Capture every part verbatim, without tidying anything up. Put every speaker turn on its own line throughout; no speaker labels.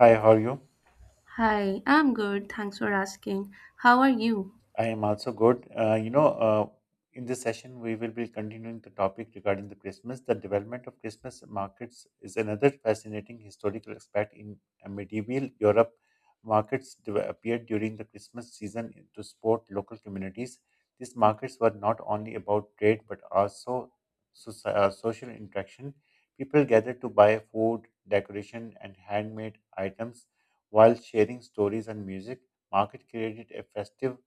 Hi, how are you?
Hi, I'm good. Thanks for asking. How are you?
I am also good. Uh, you know, uh, in this session, we will be continuing the topic regarding the Christmas. The development of Christmas markets is another fascinating historical aspect in uh, medieval Europe. Markets de- appeared during the Christmas season to support local communities. These markets were not only about trade but also soci- uh, social interaction. People gathered to buy food, decoration, and handmade items while sharing stories and music. Market created a festive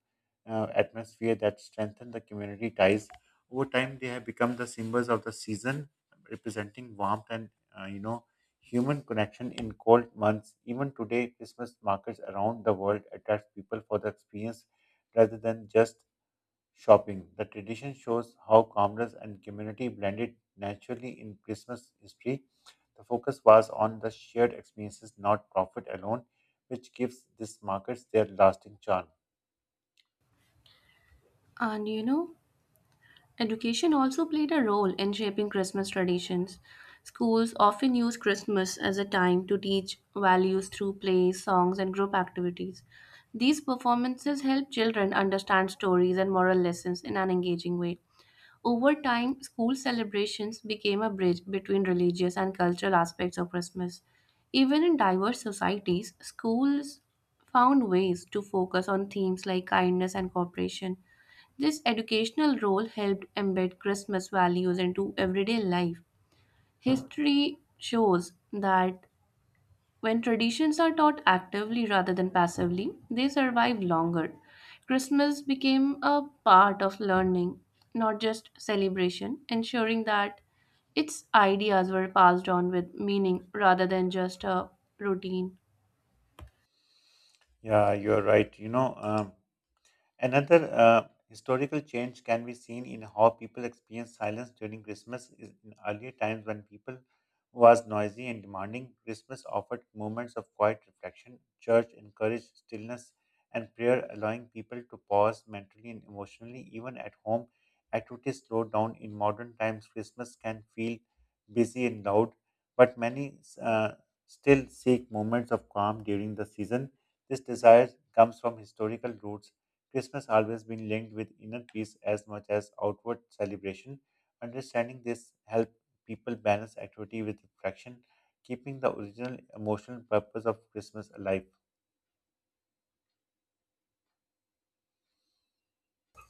uh, atmosphere that strengthen the community ties. Over time, they have become the symbols of the season, representing warmth and uh, you know human connection in cold months. Even today, Christmas markets around the world attract people for the experience rather than just shopping. The tradition shows how commerce and community blended naturally in Christmas history. The focus was on the shared experiences, not profit alone, which gives these markets their lasting charm.
And you know, education also played a role in shaping Christmas traditions. Schools often use Christmas as a time to teach values through plays, songs, and group activities. These performances help children understand stories and moral lessons in an engaging way. Over time, school celebrations became a bridge between religious and cultural aspects of Christmas. Even in diverse societies, schools found ways to focus on themes like kindness and cooperation. This educational role helped embed Christmas values into everyday life. History shows that when traditions are taught actively rather than passively, they survive longer. Christmas became a part of learning, not just celebration, ensuring that its ideas were passed on with meaning rather than just a routine.
Yeah, you're right. You know, um, Another uh, historical change can be seen in how people experience silence during Christmas. Is- In earlier times, when people was noisy and demanding, Christmas offered moments of quiet reflection. Church encouraged stillness and prayer, allowing people to pause mentally and emotionally. Even at home, activities slowed down. In modern times, Christmas can feel busy and loud, but many uh, still seek moments of calm during the season. This desire comes from historical roots Christmas always been linked with inner peace as much as outward celebration. Understanding this helps people balance activity with reflection, keeping the original emotional purpose of Christmas alive.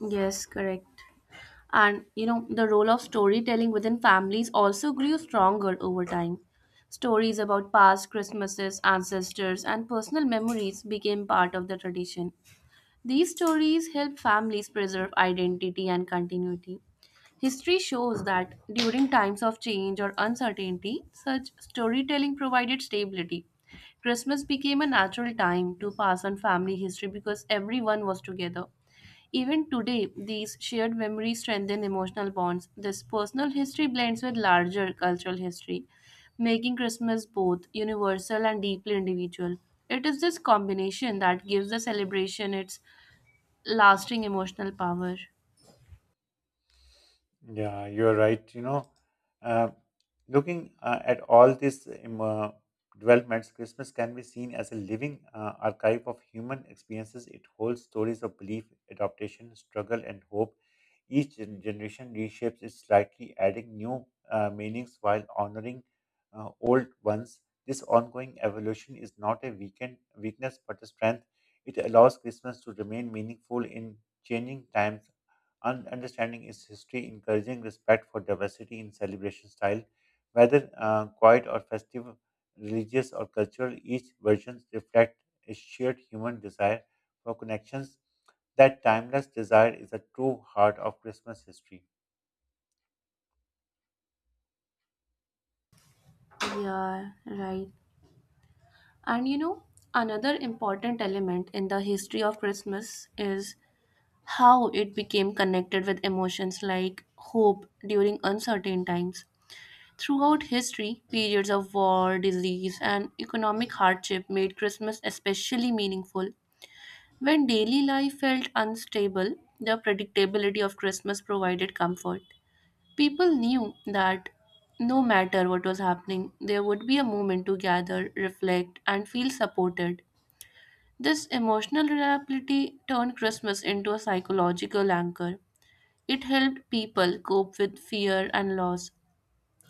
Yes, correct. And you know, the role of storytelling within families also grew stronger over time. Stories about past Christmases, ancestors, and personal memories became part of the tradition. These stories help families preserve identity and continuity. History shows that during times of change or uncertainty, such storytelling provided stability. Christmas became a natural time to pass on family history because everyone was together. Even today, these shared memories strengthen emotional bonds. This personal history blends with larger cultural history, making Christmas both universal and deeply individual. It is this combination that gives the celebration its lasting emotional power.
Yeah, you're right. You know, uh, looking uh, at all these um, uh, developments, Christmas can be seen as a living uh, archive of human experiences. It holds stories of belief, adaptation, struggle, and hope. Each gen- generation reshapes it slightly, adding new uh, meanings while honoring uh, old ones. This ongoing evolution is not a weaken weakness but a strength. It allows Christmas to remain meaningful in changing times Un- understanding its history, encouraging respect for diversity in celebration style, whether uh, quiet or festive, religious or cultural, each version reflects a shared human desire for connections. That timeless desire is the true heart of Christmas history.
Yeah, right. And you know, another important element in the history of Christmas is how it became connected with emotions like hope during uncertain times. Throughout history, periods of war, disease, and economic hardship made Christmas especially meaningful. When daily life felt unstable, the predictability of Christmas provided comfort. People knew that no matter what was happening, there would be a moment to gather, reflect, and feel supported. This emotional reliability turned Christmas into a psychological anchor. It helped people cope with fear and loss.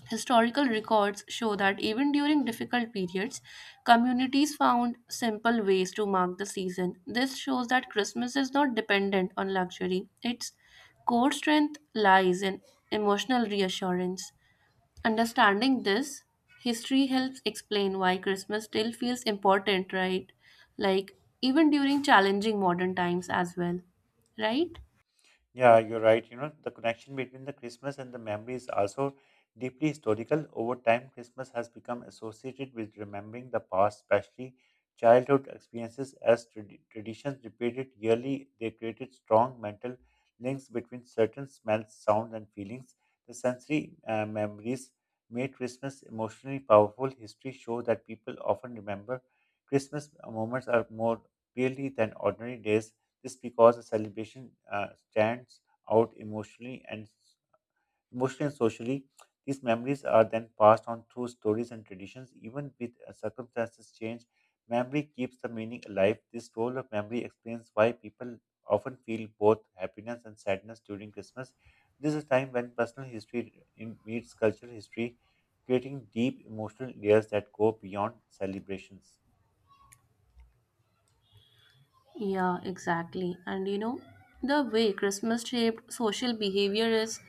Historical records show that even during difficult periods, communities found simple ways to mark the season. This shows that Christmas is not dependent on luxury, its core strength lies in emotional reassurance. Understanding this, history helps explain why Christmas still feels important, right? Like, even during challenging modern times as well, right?
Yeah, you're right. You know, the connection between the Christmas and the memory is also deeply historical. Over time, Christmas has become associated with remembering the past, especially childhood experiences. As trad- traditions repeated yearly, they created strong mental links between certain smells, sounds, and feelings. The sensory uh, memories made Christmas emotionally powerful. History shows that people often remember Christmas moments are more clearly than ordinary days this because a celebration uh, stands out emotionally and emotionally and socially. These memories are then passed on through stories and traditions, even with uh, circumstances change. Memory keeps the meaning alive. This role of memory explains why people often feel both happiness and sadness during Christmas. This is a time when personal history in- meets cultural history, creating deep emotional layers that go beyond celebrations.
Yeah, exactly. And you know, the way Christmas shaped social behavior is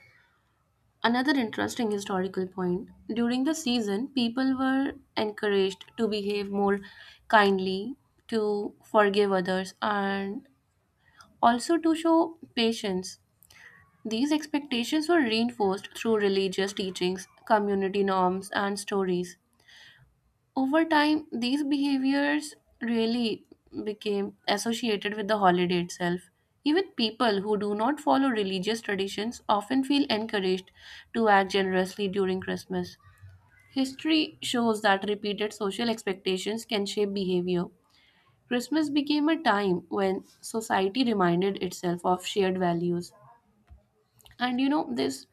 another interesting historical point. During the season, people were encouraged to behave more kindly, to forgive others, and also to show patience. These expectations were reinforced through religious teachings, community norms, and stories. Over time, these behaviors really became associated with the holiday itself. Even people who do not follow religious traditions often feel encouraged to act generously during Christmas. History shows that repeated social expectations can shape behavior. Christmas became a time when society reminded itself of shared values. And you know, this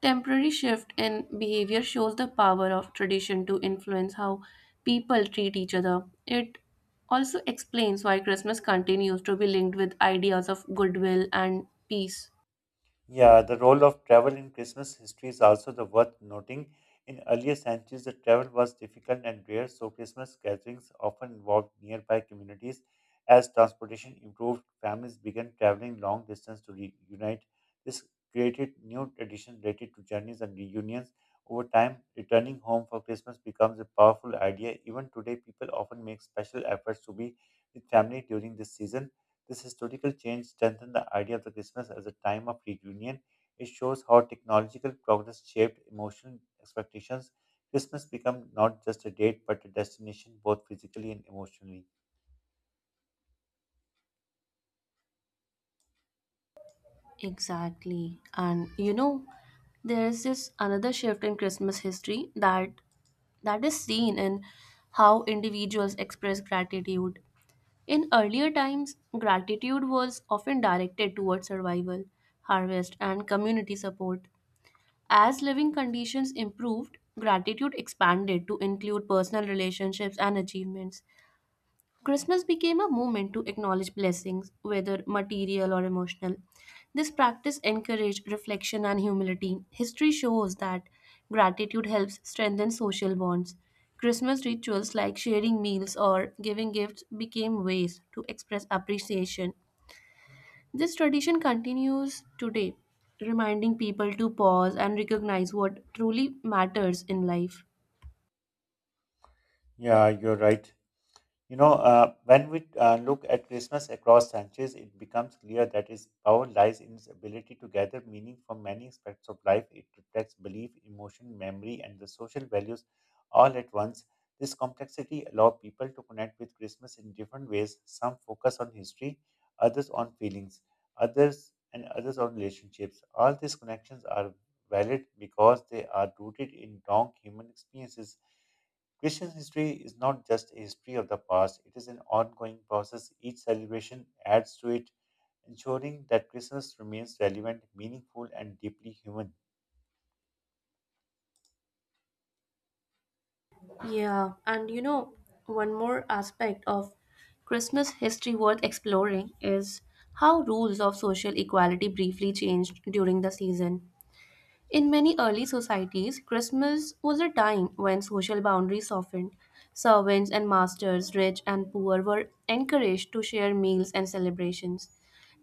temporary shift in behavior shows the power of tradition to influence how people treat each other. It also explains why Christmas continues to be linked with ideas of goodwill and peace.
Yeah, the role of travel in Christmas history is also the worth noting. In earlier centuries, the travel was difficult and rare, so Christmas gatherings often involved nearby communities. As transportation improved, families began traveling long distance to reunite. This created new traditions related to journeys and reunions. Over time, returning home for Christmas becomes a powerful idea. Even today, people often make special efforts to be with family during this season. This historical change strengthened the idea of the Christmas as a time of reunion. It shows how technological progress shaped emotional expectations. Christmas became not just a date but a destination both physically and emotionally.
Exactly. And you know, there's this another shift in Christmas history that that is seen in how individuals express gratitude. In earlier times, gratitude was often directed towards survival, harvest, and community support. As living conditions improved, gratitude expanded to include personal relationships and achievements. Christmas became a moment to acknowledge blessings, whether material or emotional. This practice encouraged reflection and humility. History shows that gratitude helps strengthen social bonds. Christmas rituals like sharing meals or giving gifts became ways to express appreciation. This tradition continues today, reminding people to pause and recognize what truly matters in life.
Yeah, you're right. You know, uh, when we uh, look at Christmas across centuries, it becomes clear that its power lies in its ability to gather meaning from many aspects of life. It reflects belief, emotion, memory, and the social values all at once. This complexity allows people to connect with Christmas in different ways. Some focus on history, others on feelings, others and others on relationships. All these connections are valid because they are rooted in long human experiences. Christian history is not just a history of the past, it is an ongoing process. Each celebration adds to it, ensuring that Christmas remains relevant, meaningful, and deeply human.
Yeah, and you know, one more aspect of Christmas history worth exploring is how rules of social equality briefly changed during the season. In many early societies, Christmas was a time when social boundaries softened. Servants and masters, rich and poor, were encouraged to share meals and celebrations.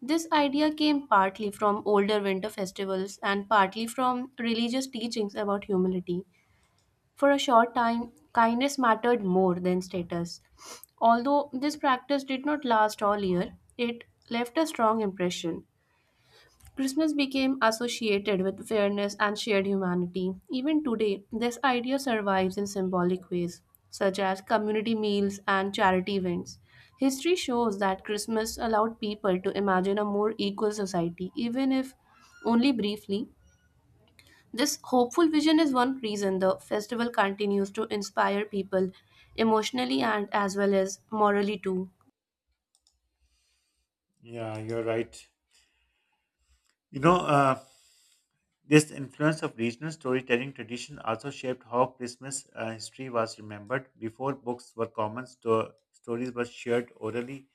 This idea came partly from older winter festivals and partly from religious teachings about humility. For a short time, kindness mattered more than status. Although this practice did not last all year, it left a strong impression. Christmas became associated with fairness and shared humanity. Even today, this idea survives in symbolic ways, such as community meals and charity events. History shows that Christmas allowed people to imagine a more equal society, even if only briefly, this hopeful vision is one reason the festival continues to inspire people emotionally and as well as morally too.
Yeah, you're right. You know, uh, this influence of regional storytelling tradition also shaped how Christmas uh, history was remembered. Before books were common, sto- stories were shared orally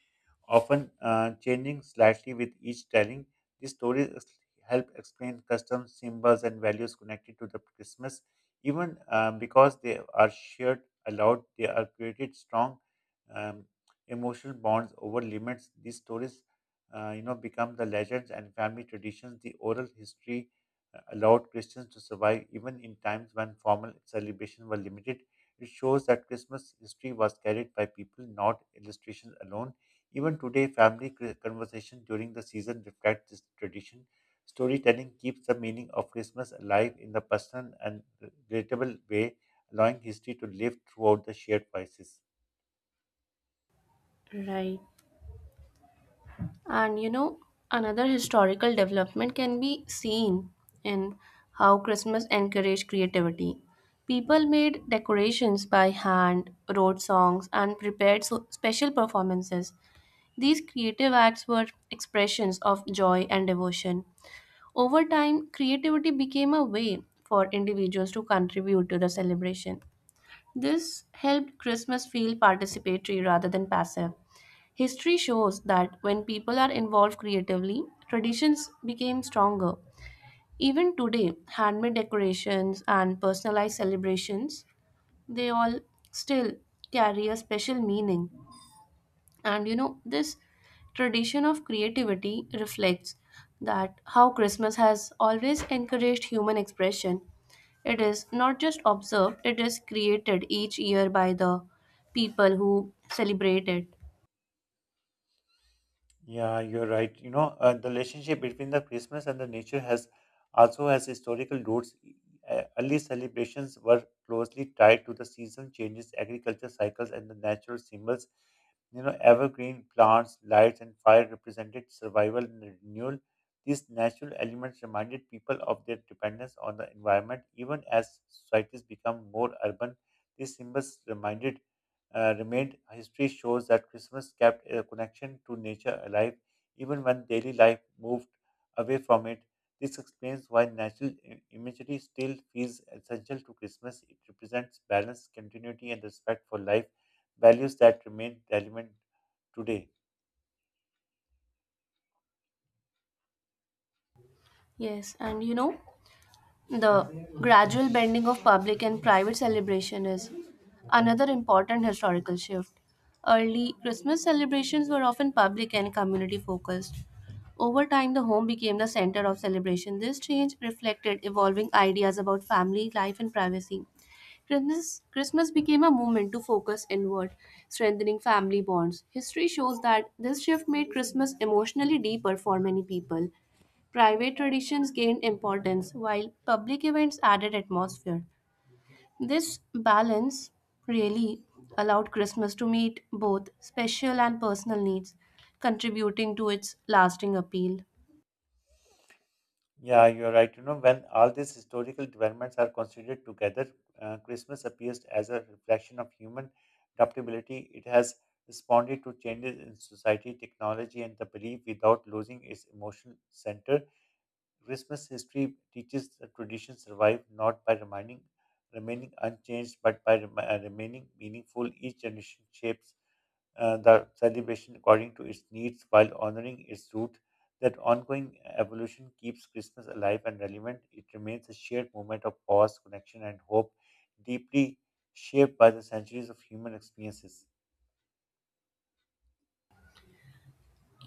often uh, changing slightly with each telling. These stories help explain customs, symbols, and values connected to the Christmas. Even uh, because they are shared aloud, they are created strong um, emotional bonds over limits. These stories, uh, you know, become the legends and family traditions. The oral history uh, allowed Christians to survive even in times when formal celebrations were limited. It shows that Christmas history was carried by people, not illustrations alone. Even today, family c- conversation during the season reflects this tradition. Storytelling keeps the meaning of Christmas alive in the personal and relatable way, allowing history to live throughout the shared crisis.
Right. And you know, another historical development can be seen in how Christmas encouraged creativity. People made decorations by hand, wrote songs, and prepared so- special performances. These creative acts were expressions of joy and devotion. Over time, creativity became a way for individuals to contribute to the celebration. This helped Christmas feel participatory rather than passive. History shows that when people are involved creatively, traditions became stronger. Even today, handmade decorations and personalized celebrations, they all still carry a special meaning. And you know, this tradition of creativity reflects that how Christmas has always encouraged human expression. It is not just observed, it is created each year by the people who celebrate it.
Yeah, you're right. You know, uh, the relationship between the Christmas and the nature has also has historical roots. E, e, Uh, early celebrations were closely tied to the season changes, agriculture cycles, and the natural symbols. You know, evergreen plants, lights, and fire represented survival and renewal. These natural elements reminded people of their dependence on the environment, even as societies become more urban. These symbols reminded uh, remained. History shows that Christmas kept a connection to nature alive even when daily life moved away from it. This explains why natural i- imagery still feels essential to Christmas. It represents balance, continuity, and respect for life, values that remain relevant today.
Yes, and you know, the gradual blending of public and private celebration is another important historical shift. Early Christmas celebrations were often public and community focused. Over time, the home became the center of celebration. This change reflected evolving ideas about family life and privacy. Christmas, Christmas became a movement to focus inward, strengthening family bonds. History shows that this shift made Christmas emotionally deeper for many people. Private traditions gained importance while public events added atmosphere. This balance really allowed Christmas to meet both special and personal needs, contributing to its lasting appeal.
Yeah, you're right. You know, when all these historical developments are considered together, uh, Christmas appears as a reflection of human adaptability. It has responded to changes in society, technology, and the belief without losing its emotional center. Christmas history teaches that traditions survive not by remaining remaining unchanged, but by rem- uh, remaining meaningful. Each generation shapes uh, the celebration according to its needs while honoring its root. That ongoing evolution keeps Christmas alive and relevant. It remains a shared moment of pause, connection, and hope, deeply shaped by the centuries of human experiences.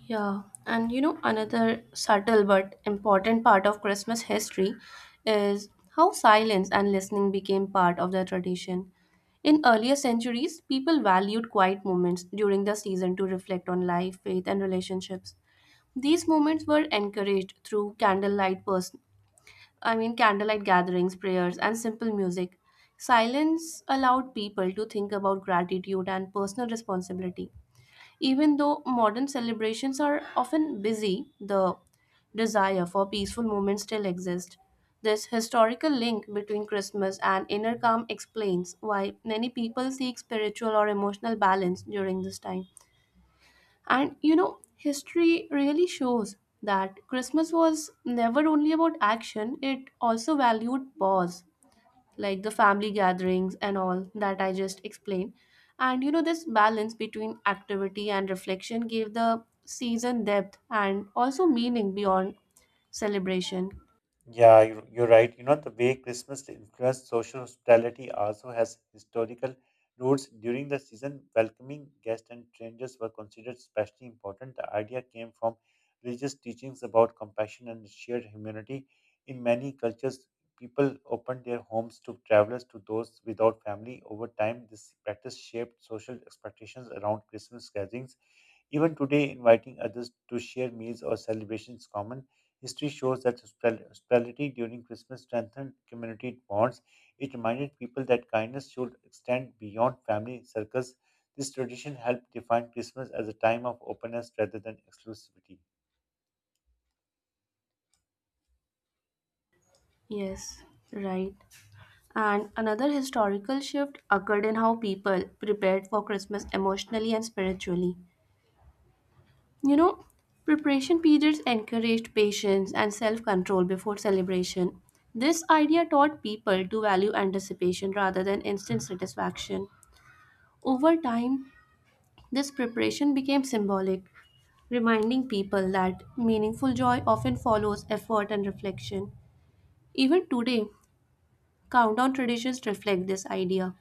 Yeah, and you know, another subtle but important part of Christmas history is how silence and listening became part of the tradition. In earlier centuries, people valued quiet moments during the season to reflect on life, faith, and relationships. These moments were encouraged through candlelight pers- I mean candlelight gatherings, prayers, and simple music. Silence allowed people to think about gratitude and personal responsibility. Even though modern celebrations are often busy, the desire for peaceful moments still exists. This historical link between Christmas and inner calm explains why many people seek spiritual or emotional balance during this time. And you know, history really shows that Christmas was never only about action, it also valued pause, like the family gatherings and all that I just explained. And you know, this balance between activity and reflection gave the season depth and also meaning beyond celebration.
Yeah, you're, you're right. You know, the way Christmas influenced social hospitality also has historical roots. During the season, welcoming guests and strangers were considered especially important. The idea came from religious teachings about compassion and shared humanity. In many cultures, people opened their homes to travelers, to those without family. Over time, this practice shaped social expectations around Christmas gatherings. Even today, inviting others to share meals or celebrations is common. History shows that hospitali- hospitality during Christmas strengthened community bonds. It reminded people that kindness should extend beyond family circles. This tradition helped define Christmas as a time of openness rather than exclusivity.
Yes, right. And another historical shift occurred in how people prepared for Christmas emotionally and spiritually. You know, preparation periods encouraged patience and self control before celebration. This idea taught people to value anticipation rather than instant satisfaction. Over time, this preparation became symbolic, reminding people that meaningful joy often follows effort and reflection. Even today, countdown traditions reflect this idea.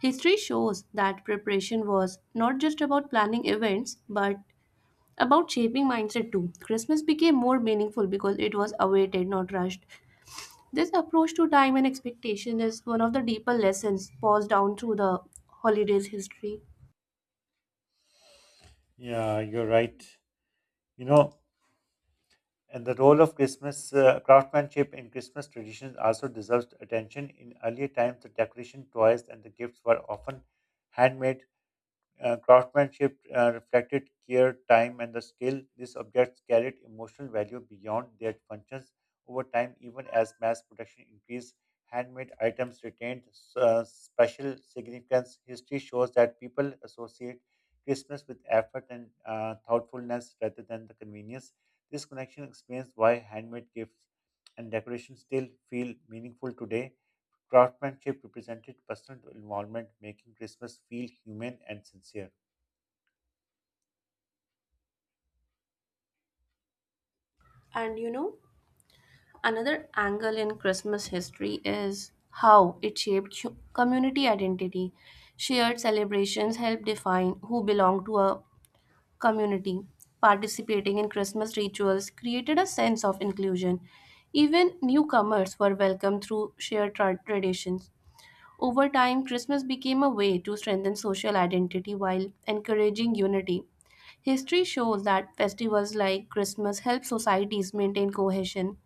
History shows that preparation was not just about planning events, but about shaping mindset too. Christmas became more meaningful because it was awaited, not rushed. This approach to time and expectation is one of the deeper lessons passed down through the holidays history.
Yeah, you're right. You know, and the role of Christmas uh, craftsmanship in Christmas traditions also deserves attention. In earlier times, the decoration, toys, and the gifts were often handmade Uh, craftsmanship uh, reflected care, time, and the skill. These objects carried emotional value beyond their functions. Over time, even as mass production increased, handmade items retained uh, special significance. History shows that people associate Christmas with effort and uh, thoughtfulness rather than the convenience. This connection explains why handmade gifts and decorations still feel meaningful today. Craftsmanship represented personal involvement, making Christmas feel human and sincere.
And you know, another angle in Christmas history is how it shaped hu- community identity. Shared celebrations help define who belong to a community, participating in Christmas rituals, created a sense of inclusion. Even newcomers were welcomed through shared tra- traditions. Over time, Christmas became a way to strengthen social identity while encouraging unity. History shows that festivals like Christmas help societies maintain cohesion,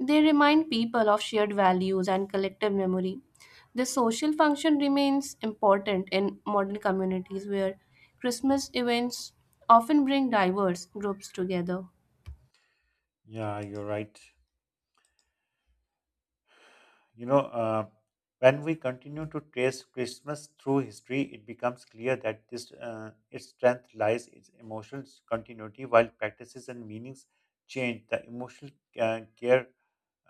they remind people of shared values and collective memory. This social function remains important in modern communities where Christmas events often bring diverse groups together.
Yeah, you're right. You know, uh, when we continue to trace Christmas through history, it becomes clear that this uh, its strength lies its emotional continuity, while practices and meanings change. The emotional uh, care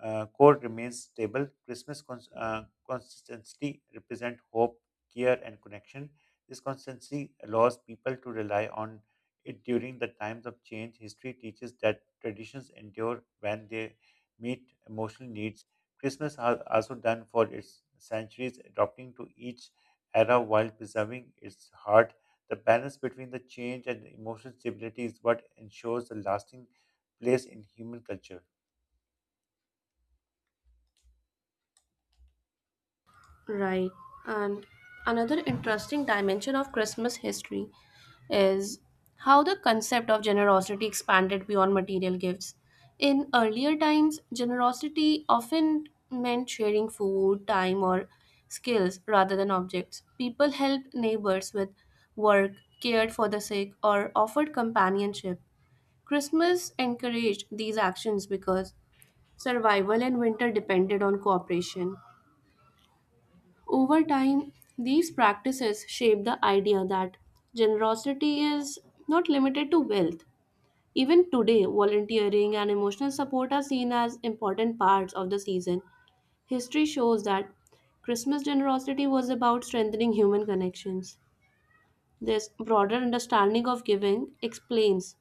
uh, core remains stable. Christmas cons- uh, consistently represent hope, care, and connection. This consistency allows people to rely on it during the times of change. History teaches that traditions endure when they meet emotional needs. Christmas has also done for its centuries, adapting to each era while preserving its heart. The balance between the change and the emotional stability is what ensures a lasting place in human culture.
Right. And another interesting dimension of Christmas history is how the concept of generosity expanded beyond material gifts. In earlier times, generosity often meant sharing food, time, or skills rather than objects. People helped neighbors with work, cared for the sick, or offered companionship. Christmas encouraged these actions because survival and winter depended on cooperation. Over time, these practices shape the idea that generosity is not limited to wealth. Even today, volunteering and emotional support are seen as important parts of the season. History shows that Christmas generosity was about strengthening human connections. This broader understanding of giving explains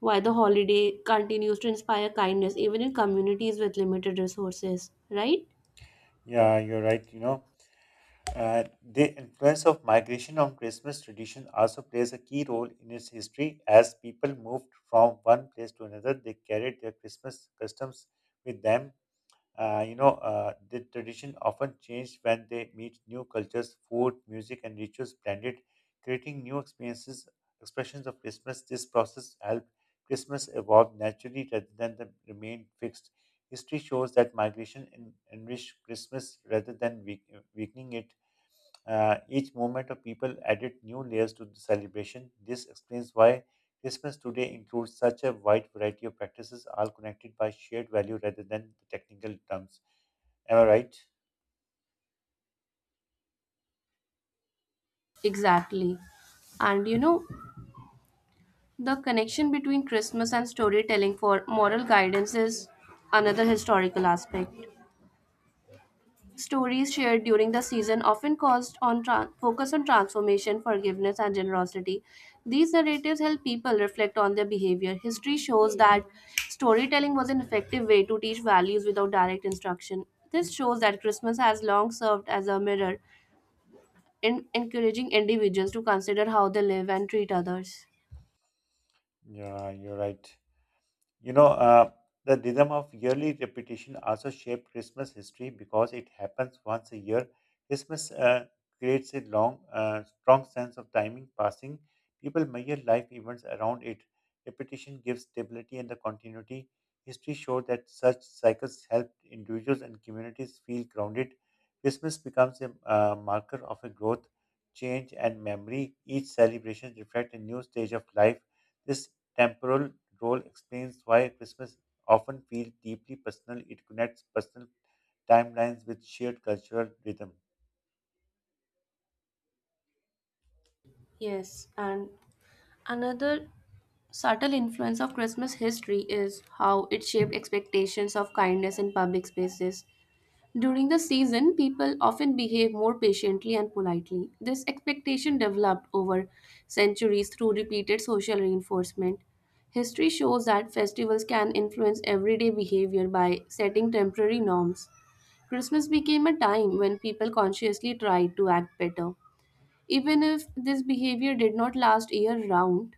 why the holiday continues to inspire kindness even in communities with limited resources, right?
Yeah, you're right. You know, uh, the influence of migration on Christmas tradition also plays a key role in its history. As people moved from one place to another, they carried their Christmas customs with them. Uh, you know, uh, the tradition often changed when they meet new cultures, food, music, and rituals blended, creating new experiences, expressions of Christmas. This process helped Christmas evolve naturally rather than the, remain fixed. History shows that migration en- enriched Christmas rather than weak, weakening it. Uh, each movement of people added new layers to the celebration. This explains why Christmas today includes such a wide variety of practices, all connected by shared value rather than the technical terms. Am I right?
Exactly. And you know, the connection between Christmas and storytelling for moral guidance is another historical aspect. Stories shared during the season often caused on tran focus on transformation, forgiveness, and generosity. These narratives help people reflect on their behavior. History shows that storytelling was an effective way to teach values without direct instruction. This shows that Christmas has long served as a mirror in encouraging individuals to consider how they live and treat others.
Yeah, you're right. You know, uh, the rhythm of yearly repetition also shaped Christmas history because it happens once a year. Christmas uh, creates a long, uh, strong sense of timing passing. People measure life events around it. Repetition gives stability and the continuity. History showed that such cycles helped individuals and communities feel grounded. Christmas becomes a uh, marker of a growth, change, and memory. Each celebration reflects a new stage of life. This temporal role explains why Christmas often feels deeply personal. It connects personal timelines with shared cultural rhythm.
Yes, and another subtle influence of Christmas history is how it shaped expectations of kindness in public spaces. During the season, people often behave more patiently and politely. This expectation developed over centuries through repeated social reinforcement. History shows that festivals can influence everyday behavior by setting temporary norms. Christmas became a time when people consciously tried to act better. Even if this behavior did not last year round,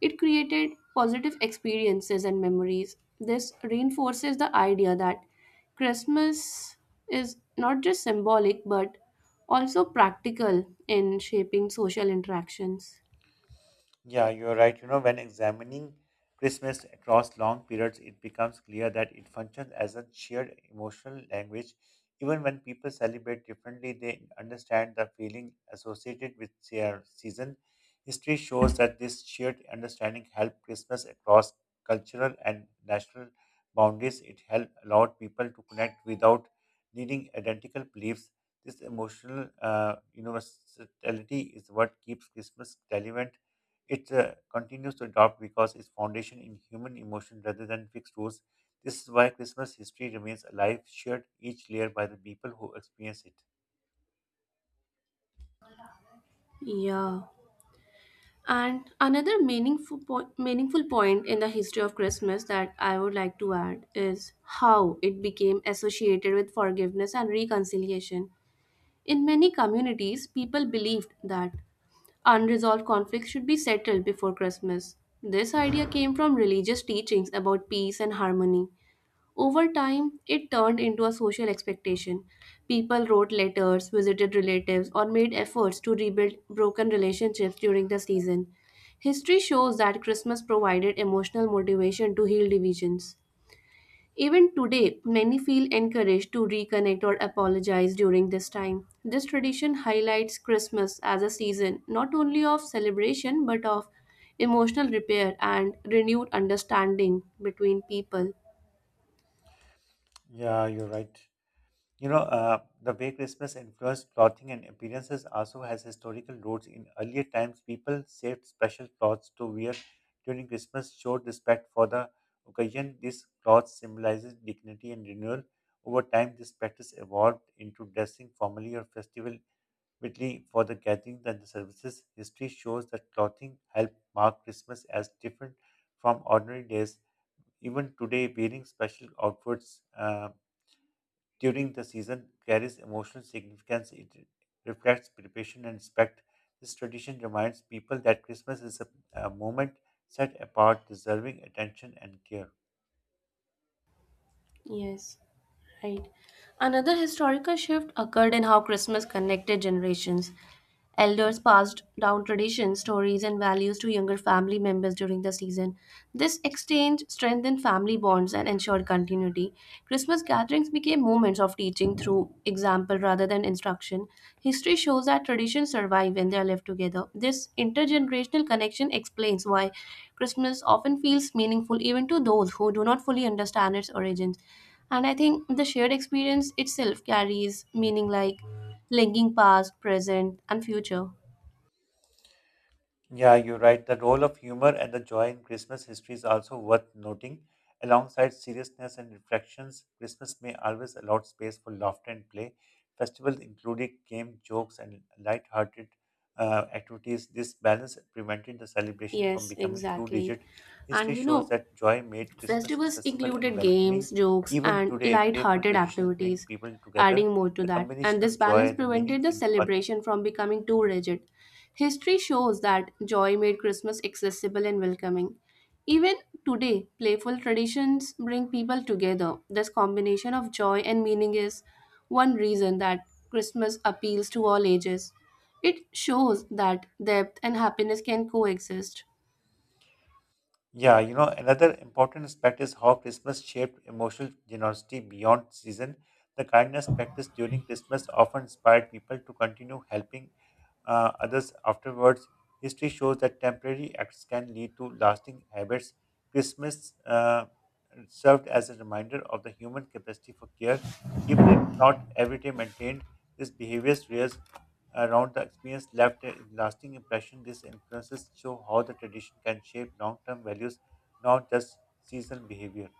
it created positive experiences and memories. This reinforces the idea that Christmas is not just symbolic but also practical in shaping social interactions.
Yeah, you're right. You know, when examining Christmas across long periods, it becomes clear that it functions as a shared emotional language. Even when people celebrate differently, they understand the feeling associated with their season. History shows that this shared understanding helped Christmas across cultural and national boundaries. It helped allowed people to connect without needing identical beliefs. This emotional uh, universality is what keeps Christmas relevant it uh, continues to adopt because its foundation in human emotion rather than fixed rules. This is why Christmas history remains alive, shared each layer by the people who experience it.
Yeah. And another meaningful po- meaningful point in the history of Christmas that I would like to add is how it became associated with forgiveness and reconciliation. In many communities, people believed that unresolved conflicts should be settled before Christmas. This idea came from religious teachings about peace and harmony. Over time, it turned into a social expectation. People wrote letters, visited relatives, or made efforts to rebuild broken relationships during the season. History shows that Christmas provided emotional motivation to heal divisions. Even today, many feel encouraged to reconnect or apologize during this time. This tradition highlights Christmas as a season not only of celebration but of emotional repair and renewed understanding between people.
Yeah, you're right. You know, uh, the way Christmas influenced clothing and appearances also has historical roots. In earlier times, people saved special clothes to wear during Christmas, showed respect for the occasion. This cloth symbolizes dignity and renewal. Over time, this practice evolved into dressing formally or festival particularly for the gatherings and the services. History shows that clothing helped mark Christmas as different from ordinary days. Even today, wearing special outfits uh, during the season carries emotional significance. It reflects preparation and respect. This tradition reminds people that Christmas is a, a moment set apart, deserving attention and care.
Yes. Right. Another historical shift occurred in how Christmas connected generations. Elders passed down traditions, stories, and values to younger family members during the season. This exchange strengthened family bonds and ensured continuity. Christmas gatherings became moments of teaching through example rather than instruction. History shows that traditions survive when they are lived together. This intergenerational connection explains why Christmas often feels meaningful even to those who do not fully understand its origins. And I think the shared experience itself carries meaning, like linking past, present, and future.
Yeah, you're right. The role of humor and the joy in Christmas history is also worth noting. Alongside seriousness and reflections, Christmas may always allow space for laughter and play. Festivals included game, jokes, and light-hearted uh, activities. This balance prevented the celebration from
Yes,
becoming too
exactly.
rigid.
And
History
you
shows
know,
that joy made Christmas
festivals
accessible and
included games,
welcoming.
jokes,
Even
and
today, playful
light-hearted
traditions bring
activities,
people together.
adding more to
The
that. And
combination
this
of
balance
joy, the meaning
prevented the
in one
celebration from becoming too rigid. History shows that joy made Christmas accessible and welcoming. Even today, playful traditions bring people together. This combination of joy and meaning is one reason that Christmas appeals to all ages. It shows that depth and happiness can coexist.
Yeah, you know, another important aspect is how Christmas shaped emotional generosity beyond season. The kindness practiced during Christmas often inspired people to continue helping uh, others afterwards. History shows that temporary acts can lead to lasting habits. Christmas uh, served as a reminder of the human capacity for care, even if not every day maintained. This behavior rears around the experience left a lasting impression. These influences show how the tradition can shape long-term values, not just seasonal behavior.